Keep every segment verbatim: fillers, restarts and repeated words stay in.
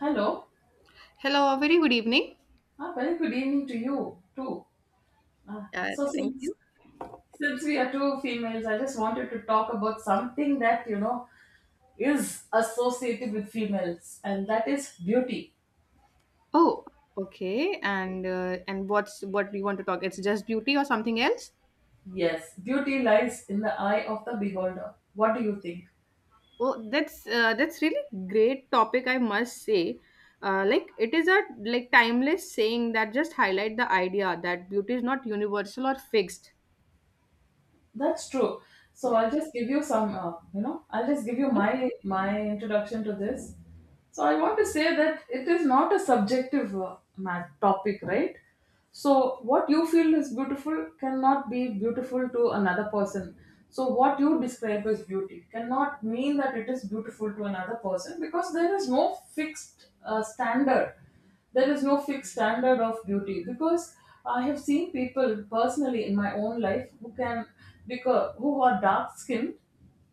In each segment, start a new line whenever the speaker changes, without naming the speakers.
Hello.
Hello, a very good evening.
Ah, very good evening to you too. Ah,
Uh,
so
thank
since
you.
since we are two females, I just wanted to talk about something that you know is associated with females, and that is beauty.
Oh, okay. And uh, and what's what we want to talk? It's just beauty or something else?
Yes, beauty lies in the eye of the beholder. What do you think?
Oh, that's uh, that's really great topic. I must say, uh, like it is a like timeless saying that just highlight the idea that beauty is not universal or fixed.
That's true. So
Yeah.
I'll just give you some, uh, you know, I'll just give you my my introduction to this. So I want to say that it is not a subjective uh, ma- topic, right? So what you feel is beautiful cannot be beautiful to another person. So what you describe as beauty cannot mean that it is beautiful to another person, because there is no fixed uh, standard. There is no fixed standard of beauty, because I have seen people personally in my own life who can, because who are dark skinned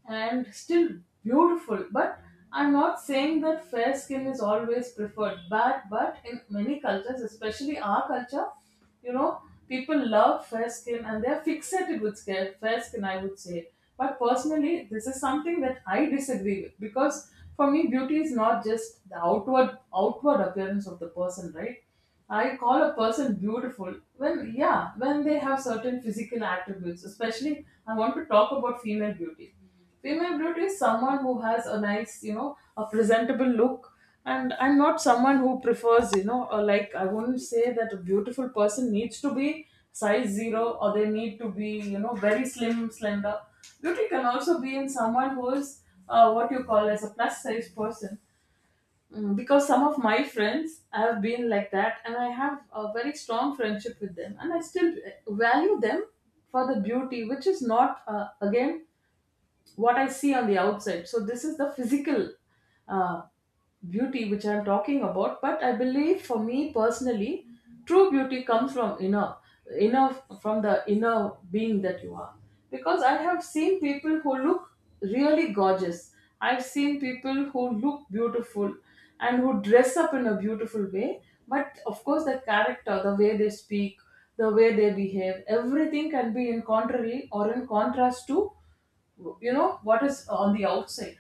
and still beautiful. But I'm not saying that fair skin is always preferred. But but in many cultures, especially our culture, you know, people love fair skin and they're fixated with scare- fair skin, I would say. But personally, this is something that I disagree with, because for me, beauty is not just the outward outward appearance of the person, right? I call a person beautiful when, yeah, when they have certain physical attributes. Especially, I want to talk about female beauty. Female beauty is someone who has a nice, you know, a presentable look. And I'm not someone who prefers, you know, uh, like, I wouldn't say that a beautiful person needs to be size zero or they need to be, you know, very slim, slender. Beauty can also be in someone who is uh, what you call as a plus size person. Mm, because some of my friends have been like that, and I have a very strong friendship with them, and I still uh, value them for the beauty, which is not, uh, again, what I see on the outside. So this is the physical uh, beauty which I'm talking about. But I believe, for me personally, true beauty comes from inner, inner from the inner being that you are. Because I have seen people who look really gorgeous. I've seen people who look beautiful and who dress up in a beautiful way. But of course, the character, the way they speak, the way they behave, everything can be in contrary or in contrast to, you know, what is on the outside.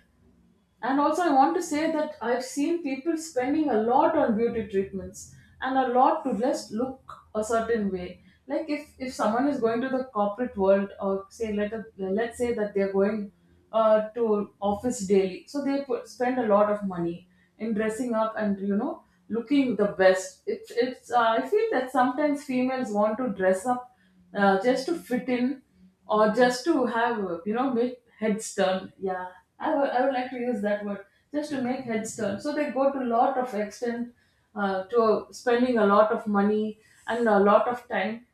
And also, I want to say that I've seen people spending a lot on beauty treatments and a lot to just look a certain way. Like, if if someone is going to the corporate world, or say let a, let's say that they're going uh, to office daily, so they put, spend a lot of money in dressing up and, you know, looking the best. It's it's uh, I feel that sometimes females want to dress up uh, just to fit in, or just to have, uh, you know, make heads turn, yeah. I would I would like to use that word, just to make heads turn. So they go to a lot of extent, uh, to spending a lot of money and a lot of time,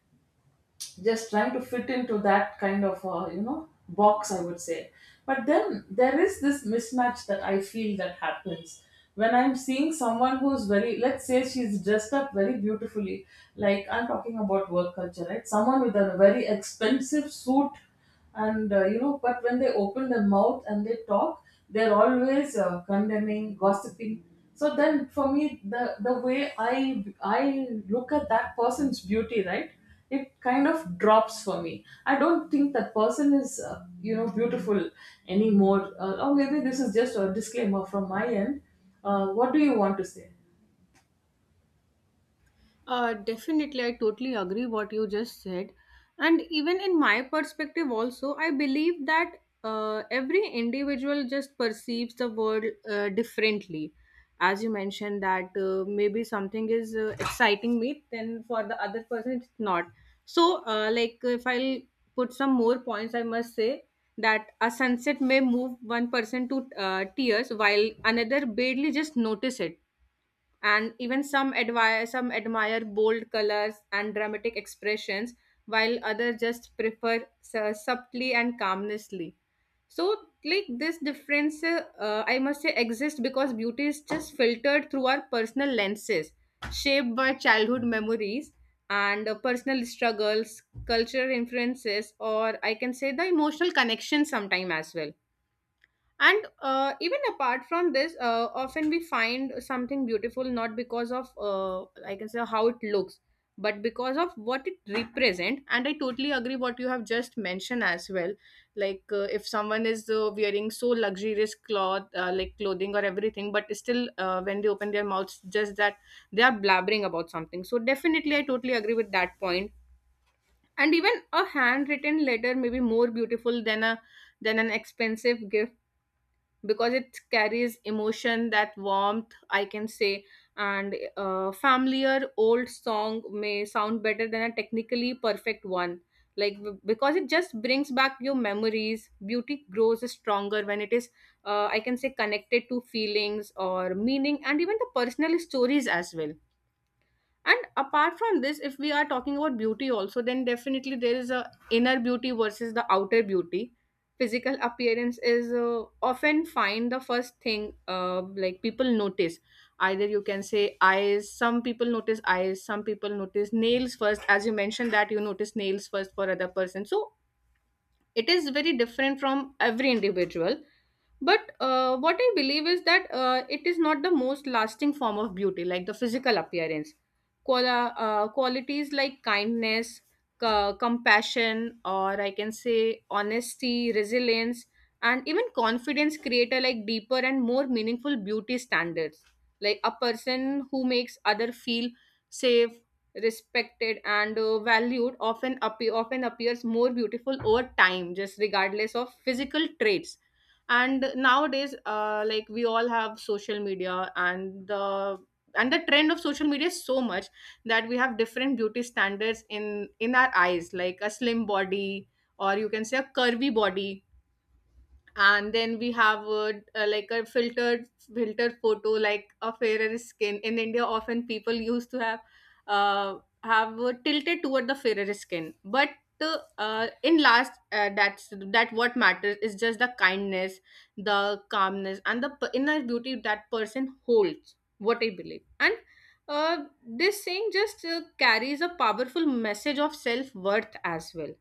just trying to fit into that kind of, uh, you know, box, I would say. But then there is this mismatch that I feel that happens when I'm seeing someone who's very, let's say, she's dressed up very beautifully. Like, I'm talking about work culture, right? Someone with a very expensive suit, and, uh, you know, but when they open their mouth and they talk, they're always uh, condemning, gossiping. So then, for me, the the way i i look at that person's beauty, right, it kind of drops for me. I don't think that person is, uh, you know, beautiful anymore. Uh, or maybe this is just a disclaimer from my end. Uh, what do you want to say?
Uh, definitely, I totally agree what you just said. And even in my perspective, also, I believe that uh, every individual just perceives the world uh, differently. As you mentioned, that uh, maybe something is uh, exciting me, then for the other person, it's not. So, uh, like, if I'll put some more points, I must say that a sunset may move one person to uh, tears, while another barely just notice it, and even some admire some admire bold colors and dramatic expressions, while others just prefer su- subtly and calmnessly. So, like, this difference, uh, I must say, exists because beauty is just filtered through our personal lenses, shaped by childhood memories and uh, personal struggles, cultural influences, or I can say the emotional connection sometime as well. And uh, even apart from this, uh, often we find something beautiful not because of, uh, like, I can say how it looks, but because of what it represents. And I totally agree what you have just mentioned as well. Like, uh, if someone is uh, wearing so luxurious cloth, uh, like, clothing or everything, but still, uh, when they open their mouths just that they are blabbering about something, so definitely I totally agree with that point point. And even a handwritten letter may be more beautiful than a than an expensive gift, because it carries emotion, that warmth, I can say. And a familiar old song may sound better than a technically perfect one, like, b- because it just brings back your memories. Beauty grows stronger when it is, uh, I can say, connected to feelings or meaning, and even the personal stories as well. And apart from this, if we are talking about beauty also, then definitely there is a inner beauty versus the outer beauty. Physical appearance is, uh, often find the first thing, uh, like, people notice. Either, you can say, eyes. Some people notice eyes, some people notice nails first. As you mentioned that you notice nails first, for other person. So it is very different from every individual. But uh, what I believe is that uh, it is not the most lasting form of beauty, like the physical appearance. Qual- uh, qualities like kindness, c- compassion, or I can say, honesty, resilience, and even confidence create a, like, deeper and more meaningful beauty standards. Like, a person who makes other feel safe, respected, and uh, valued, often appear often appears more beautiful over time, just regardless of physical traits. And nowadays, uh, like, we all have social media, and the and the trend of social media is so much that we have different beauty standards in in our eyes, like a slim body, or you can say a curvy body. And then we have, uh, uh, like, a filtered filtered photo, like a fairer skin. In India often people used to have, uh, have uh, tilted toward the fairer skin. But uh, uh, in last, uh, that's that what matters is just the kindness, the calmness, and the p- inner beauty that person holds, what I believe. And uh, this saying just uh, carries a powerful message of self worth as well.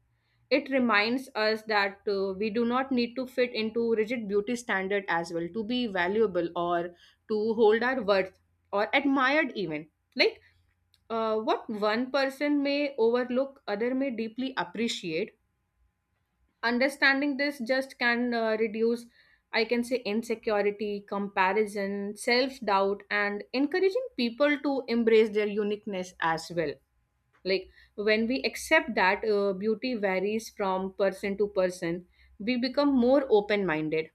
It reminds us that uh, we do not need to fit into rigid beauty standard as well to be valuable, or to hold our worth, or admired even. Like, uh, what one person may overlook, other may deeply appreciate. Understanding this just can uh, reduce, I can say, insecurity, comparison, self doubt, and encouraging people to embrace their uniqueness as well. Like, when we accept that uh, beauty varies from person to person, we become more open minded.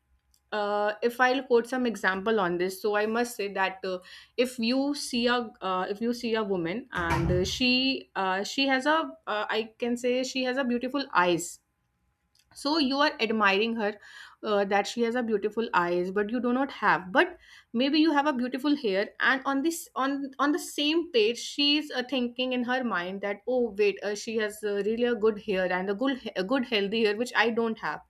uh, If I'll quote some example on this, so I must say that, uh, if you see a uh, if you see a woman, and uh, she uh, she has a, uh, I can say, she has a beautiful eyes, so you are admiring her, uh, that she has a beautiful eyes but you do not have. But maybe you have a beautiful hair, and on this, on on the same page she's uh, thinking in her mind that, oh wait, uh, she has, uh, really a good hair and a good a good healthy hair which I don't have.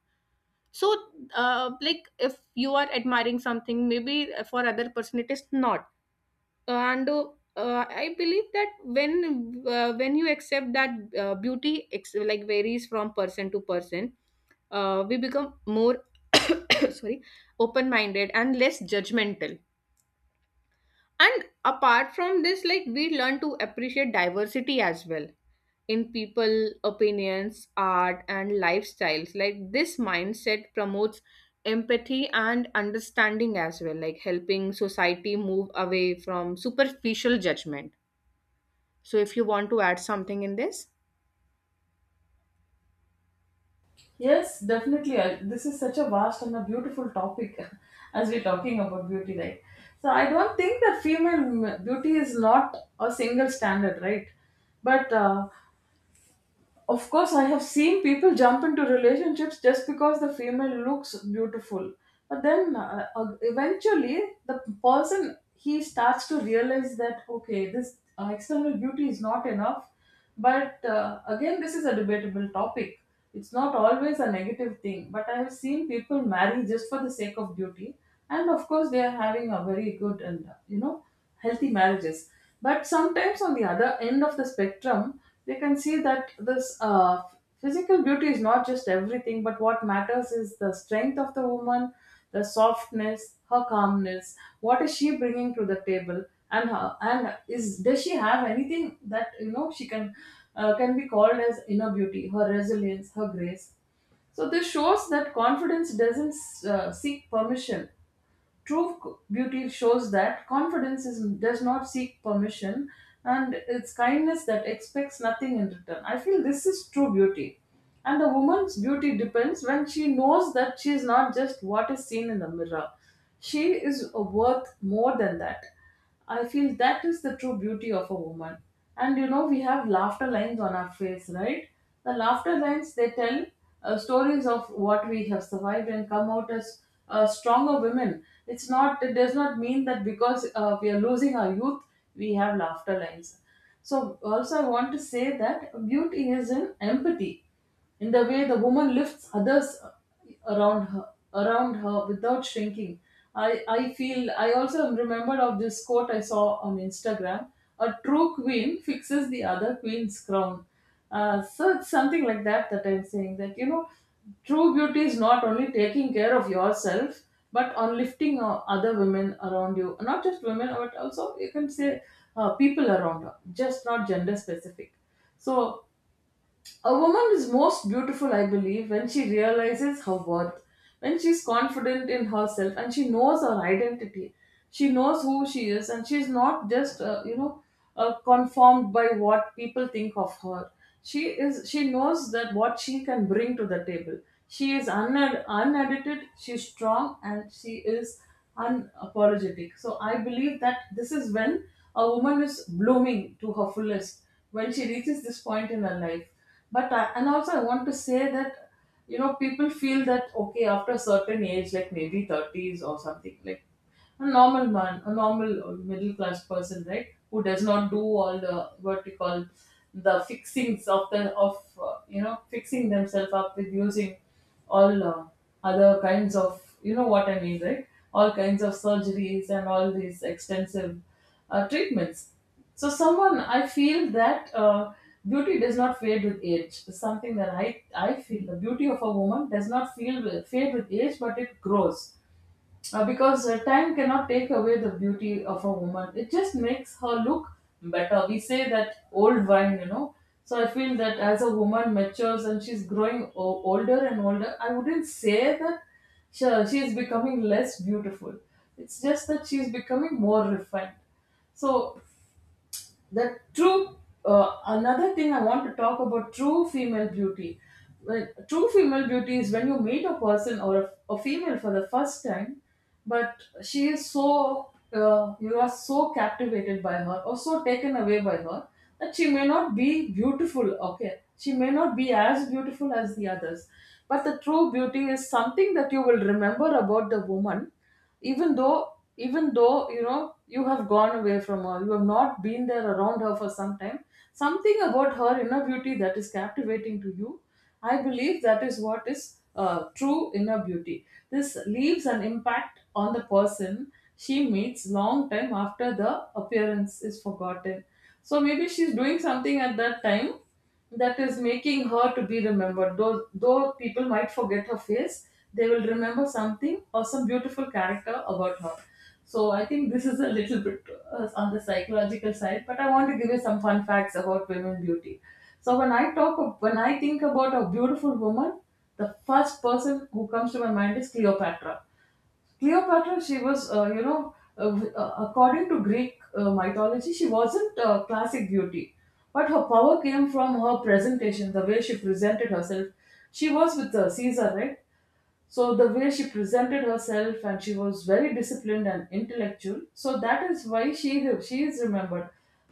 So, uh, like, if you are admiring something, maybe for other person it is not. And uh, uh, I believe that, when uh, when you accept that uh, beauty ex- like varies from person to person, uh, we become more sorry, open minded and less judgmental. And apart from this, like, we learn to appreciate diversity as well in people opinions, art, and lifestyles. Like, this mindset promotes empathy and understanding as well, like, helping society move away from superficial judgment. So, if you want to add something in this?
Yes, definitely. I, this is such a vast and a beautiful topic as we're talking about beauty, right? So I don't think that female m- beauty is not a single standard, right? But, uh, of course, I have seen people jump into relationships just because the female looks beautiful. But then, uh, uh, eventually, the person he starts to realize that okay, this uh, external beauty is not enough. But, uh, again, this is a debatable topic. It's not always a negative thing. But I have seen people marry just for the sake of beauty, and of course, they are having a very good and, uh, you know, healthy marriages. But sometimes, on the other end of the spectrum, they can see that this, uh, physical beauty is not just everything, but what matters is the strength of the woman, the softness, her calmness. What is she bringing to the table? And her, and is does she have anything that, you know, she can uh, can be called as inner beauty? Her resilience, her grace. So this shows that confidence doesn't uh, seek permission. True c- beauty shows that confidence is, does not seek permission, and it's kindness that expects nothing in return. I feel this is true beauty. And a woman's beauty depends when she knows that she is not just what is seen in the mirror, she is worth more than that. I feel that is the true beauty of a woman. And you know, we have laughter lines on our face, right? The laughter lines, they tell uh, stories of what we have survived and come out as uh, stronger women. It's not. It does not mean that because, uh, we are losing our youth, we have laughter lines. So also, I want to say that beauty is in empathy, in the way the woman lifts others around her, around her without shrinking. I i feel, I also am remembered of this quote I saw on Instagram: a true queen fixes the other queen's crown. Uh, so it's something like that, that I'm saying, that you know, true beauty is not only taking care of yourself, but on lifting uh, other women around you, not just women, but also you can say, uh, people around her, just not gender specific. So a woman is most beautiful, I believe, when she realizes her worth, when she's confident in herself and she knows her identity. She knows who she is, and she's not just, uh, you know, uh, conformed by what people think of her. She is. She knows that what she can bring to the table. She is uned- unedited. She's strong, and she is unapologetic. So I believe that this is when a woman is blooming to her fullest. When she reaches this point in her life. But I, and also, I want to say that you know, people feel that okay, after a certain age, like maybe thirties or something, like a normal man, a normal uh, middle class person, right, who does not do all the, what you call, the fixings of the of uh, you know, fixing themselves up with using all, uh, other kinds of, you know what I mean, right, all kinds of surgeries and all these extensive uh, treatments. So, someone, I feel that uh, beauty does not fade with age. It's something that I, I feel the beauty of a woman does not feel with, fade with age, but it grows. Uh, because uh, time cannot take away the beauty of a woman, it just makes her look better. We say that old wine, you know. So, I feel that as a woman matures and she's growing o- older and older, I wouldn't say that she, she is becoming less beautiful. It's just that she's becoming more refined. So the true uh, another thing I want to talk about, true female beauty. When- true female beauty is when you meet a person or a, a female for the first time, but she is so uh, you are so captivated by her, or so taken away by her, that she may not be beautiful. Okay, she may not be as beautiful as the others, but the true beauty is something that you will remember about the woman, even though even though you know, you have gone away from her, you have not been there around her for some time, something about her inner beauty that is captivating to you. I believe that is what is uh, true inner beauty. This leaves an impact on the person she meets long time after the appearance is forgotten. So maybe she's doing something at that time that is making her to be remembered. Though, though people might forget her face, they will remember something or some beautiful character about her. So I think this is a little bit uh, on the psychological side, but I want to give you some fun facts about women beauty. So when I talk, of, when I think about a beautiful woman, the first person who comes to my mind is Cleopatra. Cleopatra, she was, uh, you know, uh, w- uh, according to Greek uh, mythology, she wasn't a classic beauty, but her power came from her presentation, the way she presented herself. She was with uh, Caesar, right? So the way she presented herself, and she was very disciplined and intellectual. So that is why she she is remembered.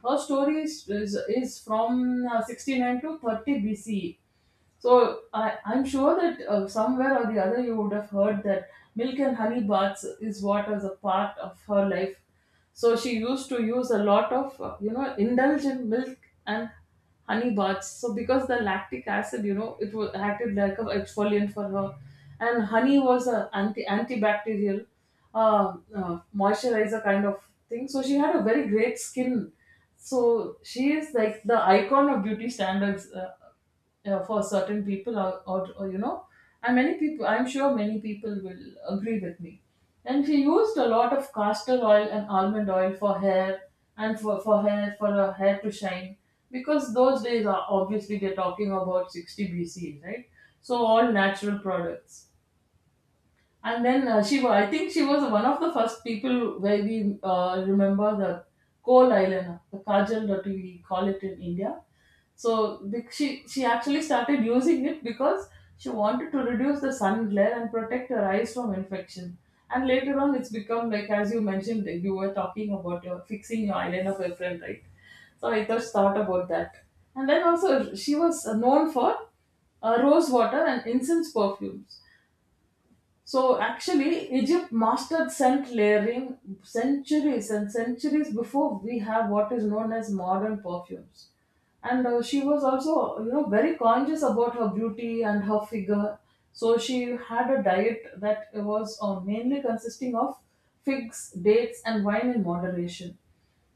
Her story is is, is from uh, sixty-nine to thirty B C E. So I, I'm sure that uh, somewhere or the other you would have heard that milk and honey baths is what was a part of her life. So she used to use a lot of, uh, you know, indulge in milk and honey baths. So because the lactic acid, you know, it was acted like an exfoliant for her, and honey was a anti antibacterial, uh, uh, moisturizer kind of thing. So she had a very great skin. So she is like the icon of beauty standards. Uh, uh, for certain people or, or, or you know, and many people i'm sure many people will agree with me. And she used a lot of castor oil and almond oil for hair, and for, for hair for her hair to shine, because those days, are obviously, they're talking about sixty BC, right? So all natural products. And then uh, she was, I think she was one of the first people where we uh, remember the coal eyeliner, the kajal that we call it in India. So the, she she actually started using it because she wanted to reduce the sun glare and protect her eyes from infection. And later on, it's become like, as you mentioned, you were talking about your fixing your eyeliner for your friend, right? So I just thought about that. And then also, she was known for uh, rose water and incense perfumes. So actually, Egypt mastered scent layering centuries and centuries before we have what is known as modern perfumes. And uh, she was also, you know, very conscious about her beauty and her figure. So she had a diet that was uh, mainly consisting of figs, dates, and wine in moderation.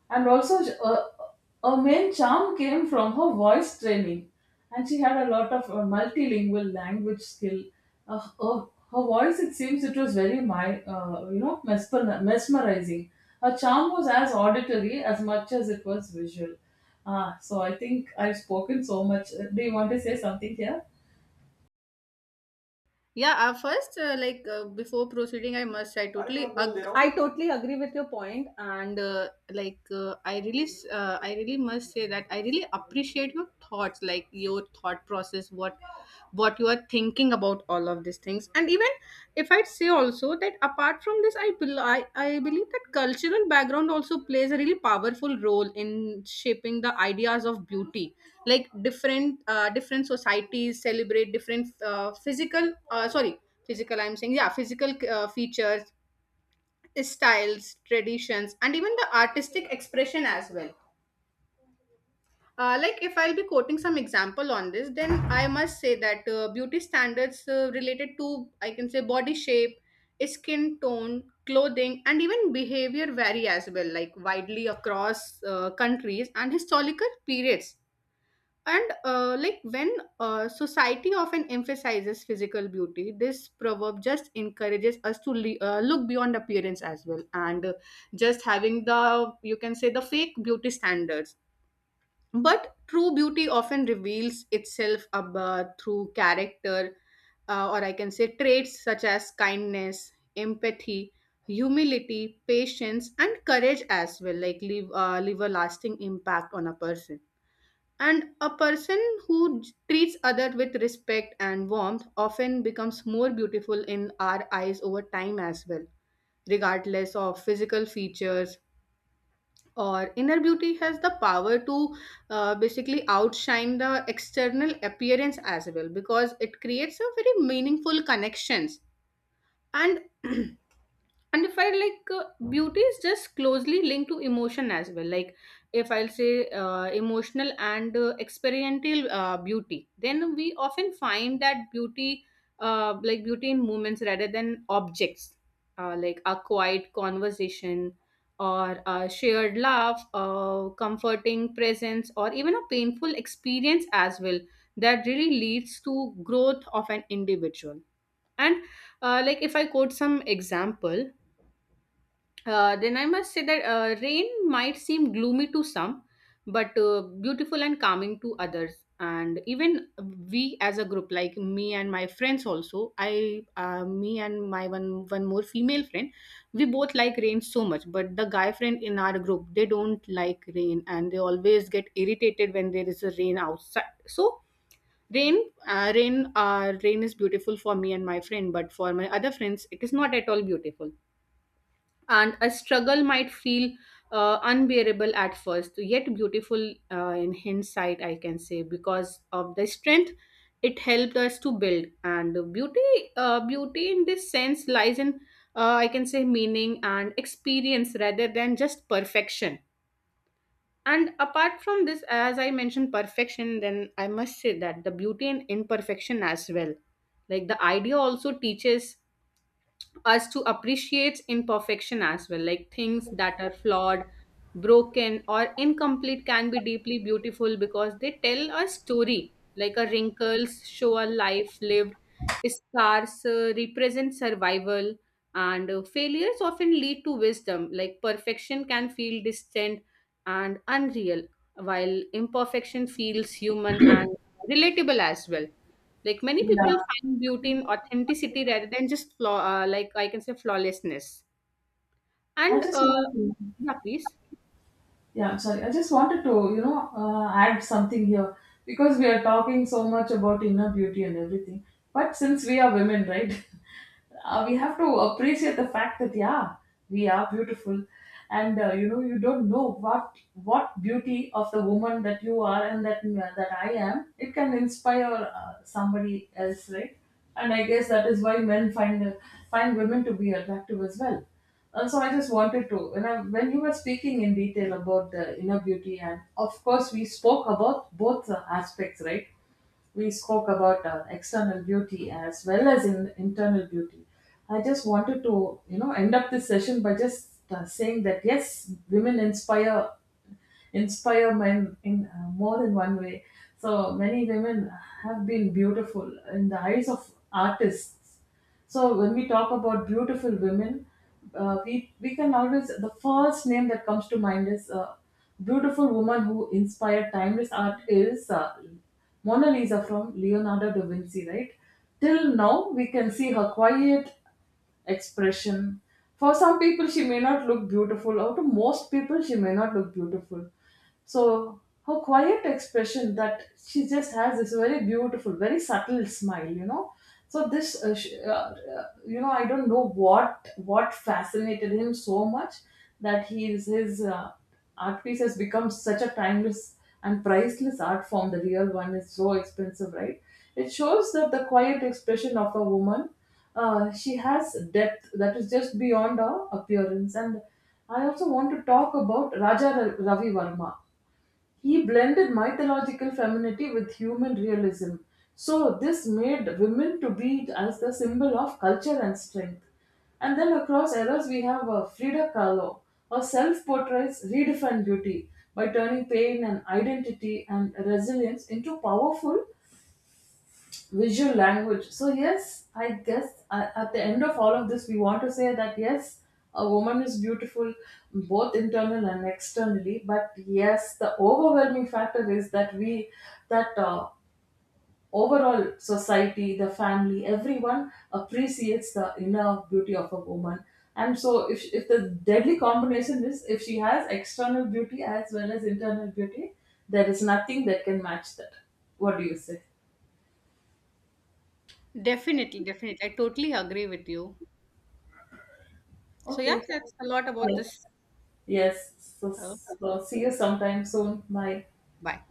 And also, sh- uh, a main charm came from her voice training, and she had a lot of uh, multilingual language skill. Uh, her, her voice, it seems, it was very, my, uh, you know, mesmer- mesmerizing. Her charm was as auditory as much as it was visual. Ah, so I think I've spoken so much. Uh, Do you want to say something here?
Yeah, uh, first, uh, like, uh, before proceeding, I must, I totally, ag- I totally agree with your point. And uh, like, uh, I really, s- uh, I really must say that I really appreciate your thoughts, like, your thought process, what, what you are thinking about all of these things. And even if I'd say also that apart from this, I, bel- I, I believe that cultural background also plays a really powerful role in shaping the ideas of beauty. Like, different, uh, different societies celebrate different, uh, physical uh, sorry physical I'm saying, yeah, physical, uh, features, styles, traditions, and even the artistic expression as well. Uh, like, if I'll be quoting some example on this, then I must say that, uh, beauty standards, uh, related to, I can say, body shape, skin tone, clothing, and even behavior vary as well, like, widely across uh, countries and historical periods. And uh, like, when uh, society often emphasizes physical beauty, this proverb just encourages us to le- uh, look beyond appearance as well, and uh, just having the, you can say, the fake beauty standards. But true beauty often reveals itself about, through character, uh, or I can say, traits such as kindness, empathy, humility, patience, and courage as well, like, leave uh, leave a lasting impact on a person. And a person who j- treats others with respect and warmth often becomes more beautiful in our eyes over time as well, regardless of physical features. Or inner beauty has the power to uh, basically outshine the external appearance as well, because it creates a very meaningful connections. And and if I, like, uh, beauty is just closely linked to emotion as well. Like, if I'll say uh, emotional and uh, experiential uh, beauty, then we often find that beauty, uh, like, beauty in moments rather than objects. Uh, like, a quiet conversation, or a shared laugh, a comforting presence, or even a painful experience as well that really leads to growth of an individual. And uh, like, if I quote some example, uh, then I must say that, uh, rain might seem gloomy to some, but uh, beautiful and calming to others. And even we as a group, like, me and my friends also, I, uh, me and my one one more female friend, we both like rain so much. But the guy friend in our group, they don't like rain, and they always get irritated when there is a rain outside. So rain, uh, rain, uh, rain is beautiful for me and my friend, but for my other friends, it is not at all beautiful. And a struggle might feel uh, unbearable at first, yet beautiful, uh, in hindsight, I can say, because of the strength it helped us to build. And beauty, uh, beauty in this sense lies in, uh, I can say, meaning and experience rather than just perfection. And apart from this, as I mentioned, perfection, then I must say that the beauty in imperfection as well. Like, the idea also teaches us to appreciate imperfection as well, like, things that are flawed, broken, or incomplete can be deeply beautiful because they tell a story. Like, a wrinkles show a life lived, scars uh, represent survival, and uh, failures often lead to wisdom. Like, perfection can feel distant and unreal, while imperfection feels human and relatable as well. Like, many
Yeah.
people find beauty in authenticity rather than just flaw, uh, like, I can say flawlessness.
I
And
just
uh,
want to.
yeah, please.
Yeah, I'm sorry. I just wanted to, you know, uh, add something here because we are talking so much about inner beauty and everything. But since we are women, right, uh, we have to appreciate the fact that, yeah, we are beautiful, and uh, you know, you don't know what what beauty of the woman that you are and that uh, that I am. It can inspire uh, somebody else, right? And I guess that is why men find find women to be attractive as well. Uh, so I just wanted to, you know, when you were speaking in detail about the inner beauty, and of course we spoke about both uh, aspects, right? We spoke about uh, external beauty as well as in internal beauty. I just wanted to, you know, end up this session by just uh, saying that, yes, women inspire inspire men in uh, more than one way. So many women have been beautiful in the eyes of artists. So when we talk about beautiful women, uh, we we can always, the first name that comes to mind is uh, beautiful woman who inspired timeless art is uh, Mona Lisa from Leonardo da Vinci, right? Till now, we can see her quiet expression. For some people, she may not look beautiful, or to most people, she may not look beautiful. So her quiet expression, that she just has this very beautiful, very subtle smile, you know. So this, uh, sh- uh, uh, you know, I don't know what what fascinated him so much that he is his. Uh, art piece has become such a timeless and priceless art form. The real one is so expensive, right? It shows that the quiet expression of a woman, uh, she has depth that is just beyond her appearance. And I also want to talk about Raja Ra- Ravi Verma. He blended mythological femininity with human realism. So this made women to be as the symbol of culture and strength. And then across eras, we have uh, Frida Kahlo. Her self portraits redefine beauty by turning pain and identity and resilience into powerful visual language. So, yes, I guess, a- at the end of all of this, we want to say that, yes, a woman is beautiful both internal and externally. But yes, the overwhelming factor is that we that uh, overall society, the family, everyone appreciates the inner beauty of a woman. And so, if, if the deadly combination is, if she has external beauty as well as internal beauty, there is nothing that can match that. What do you say?
Definitely, definitely. I totally agree with you. So yeah,
Okay.
that's a lot about
Yes.
this.
Yes, so,
Uh, so
so see you sometime soon. Bye.
bye.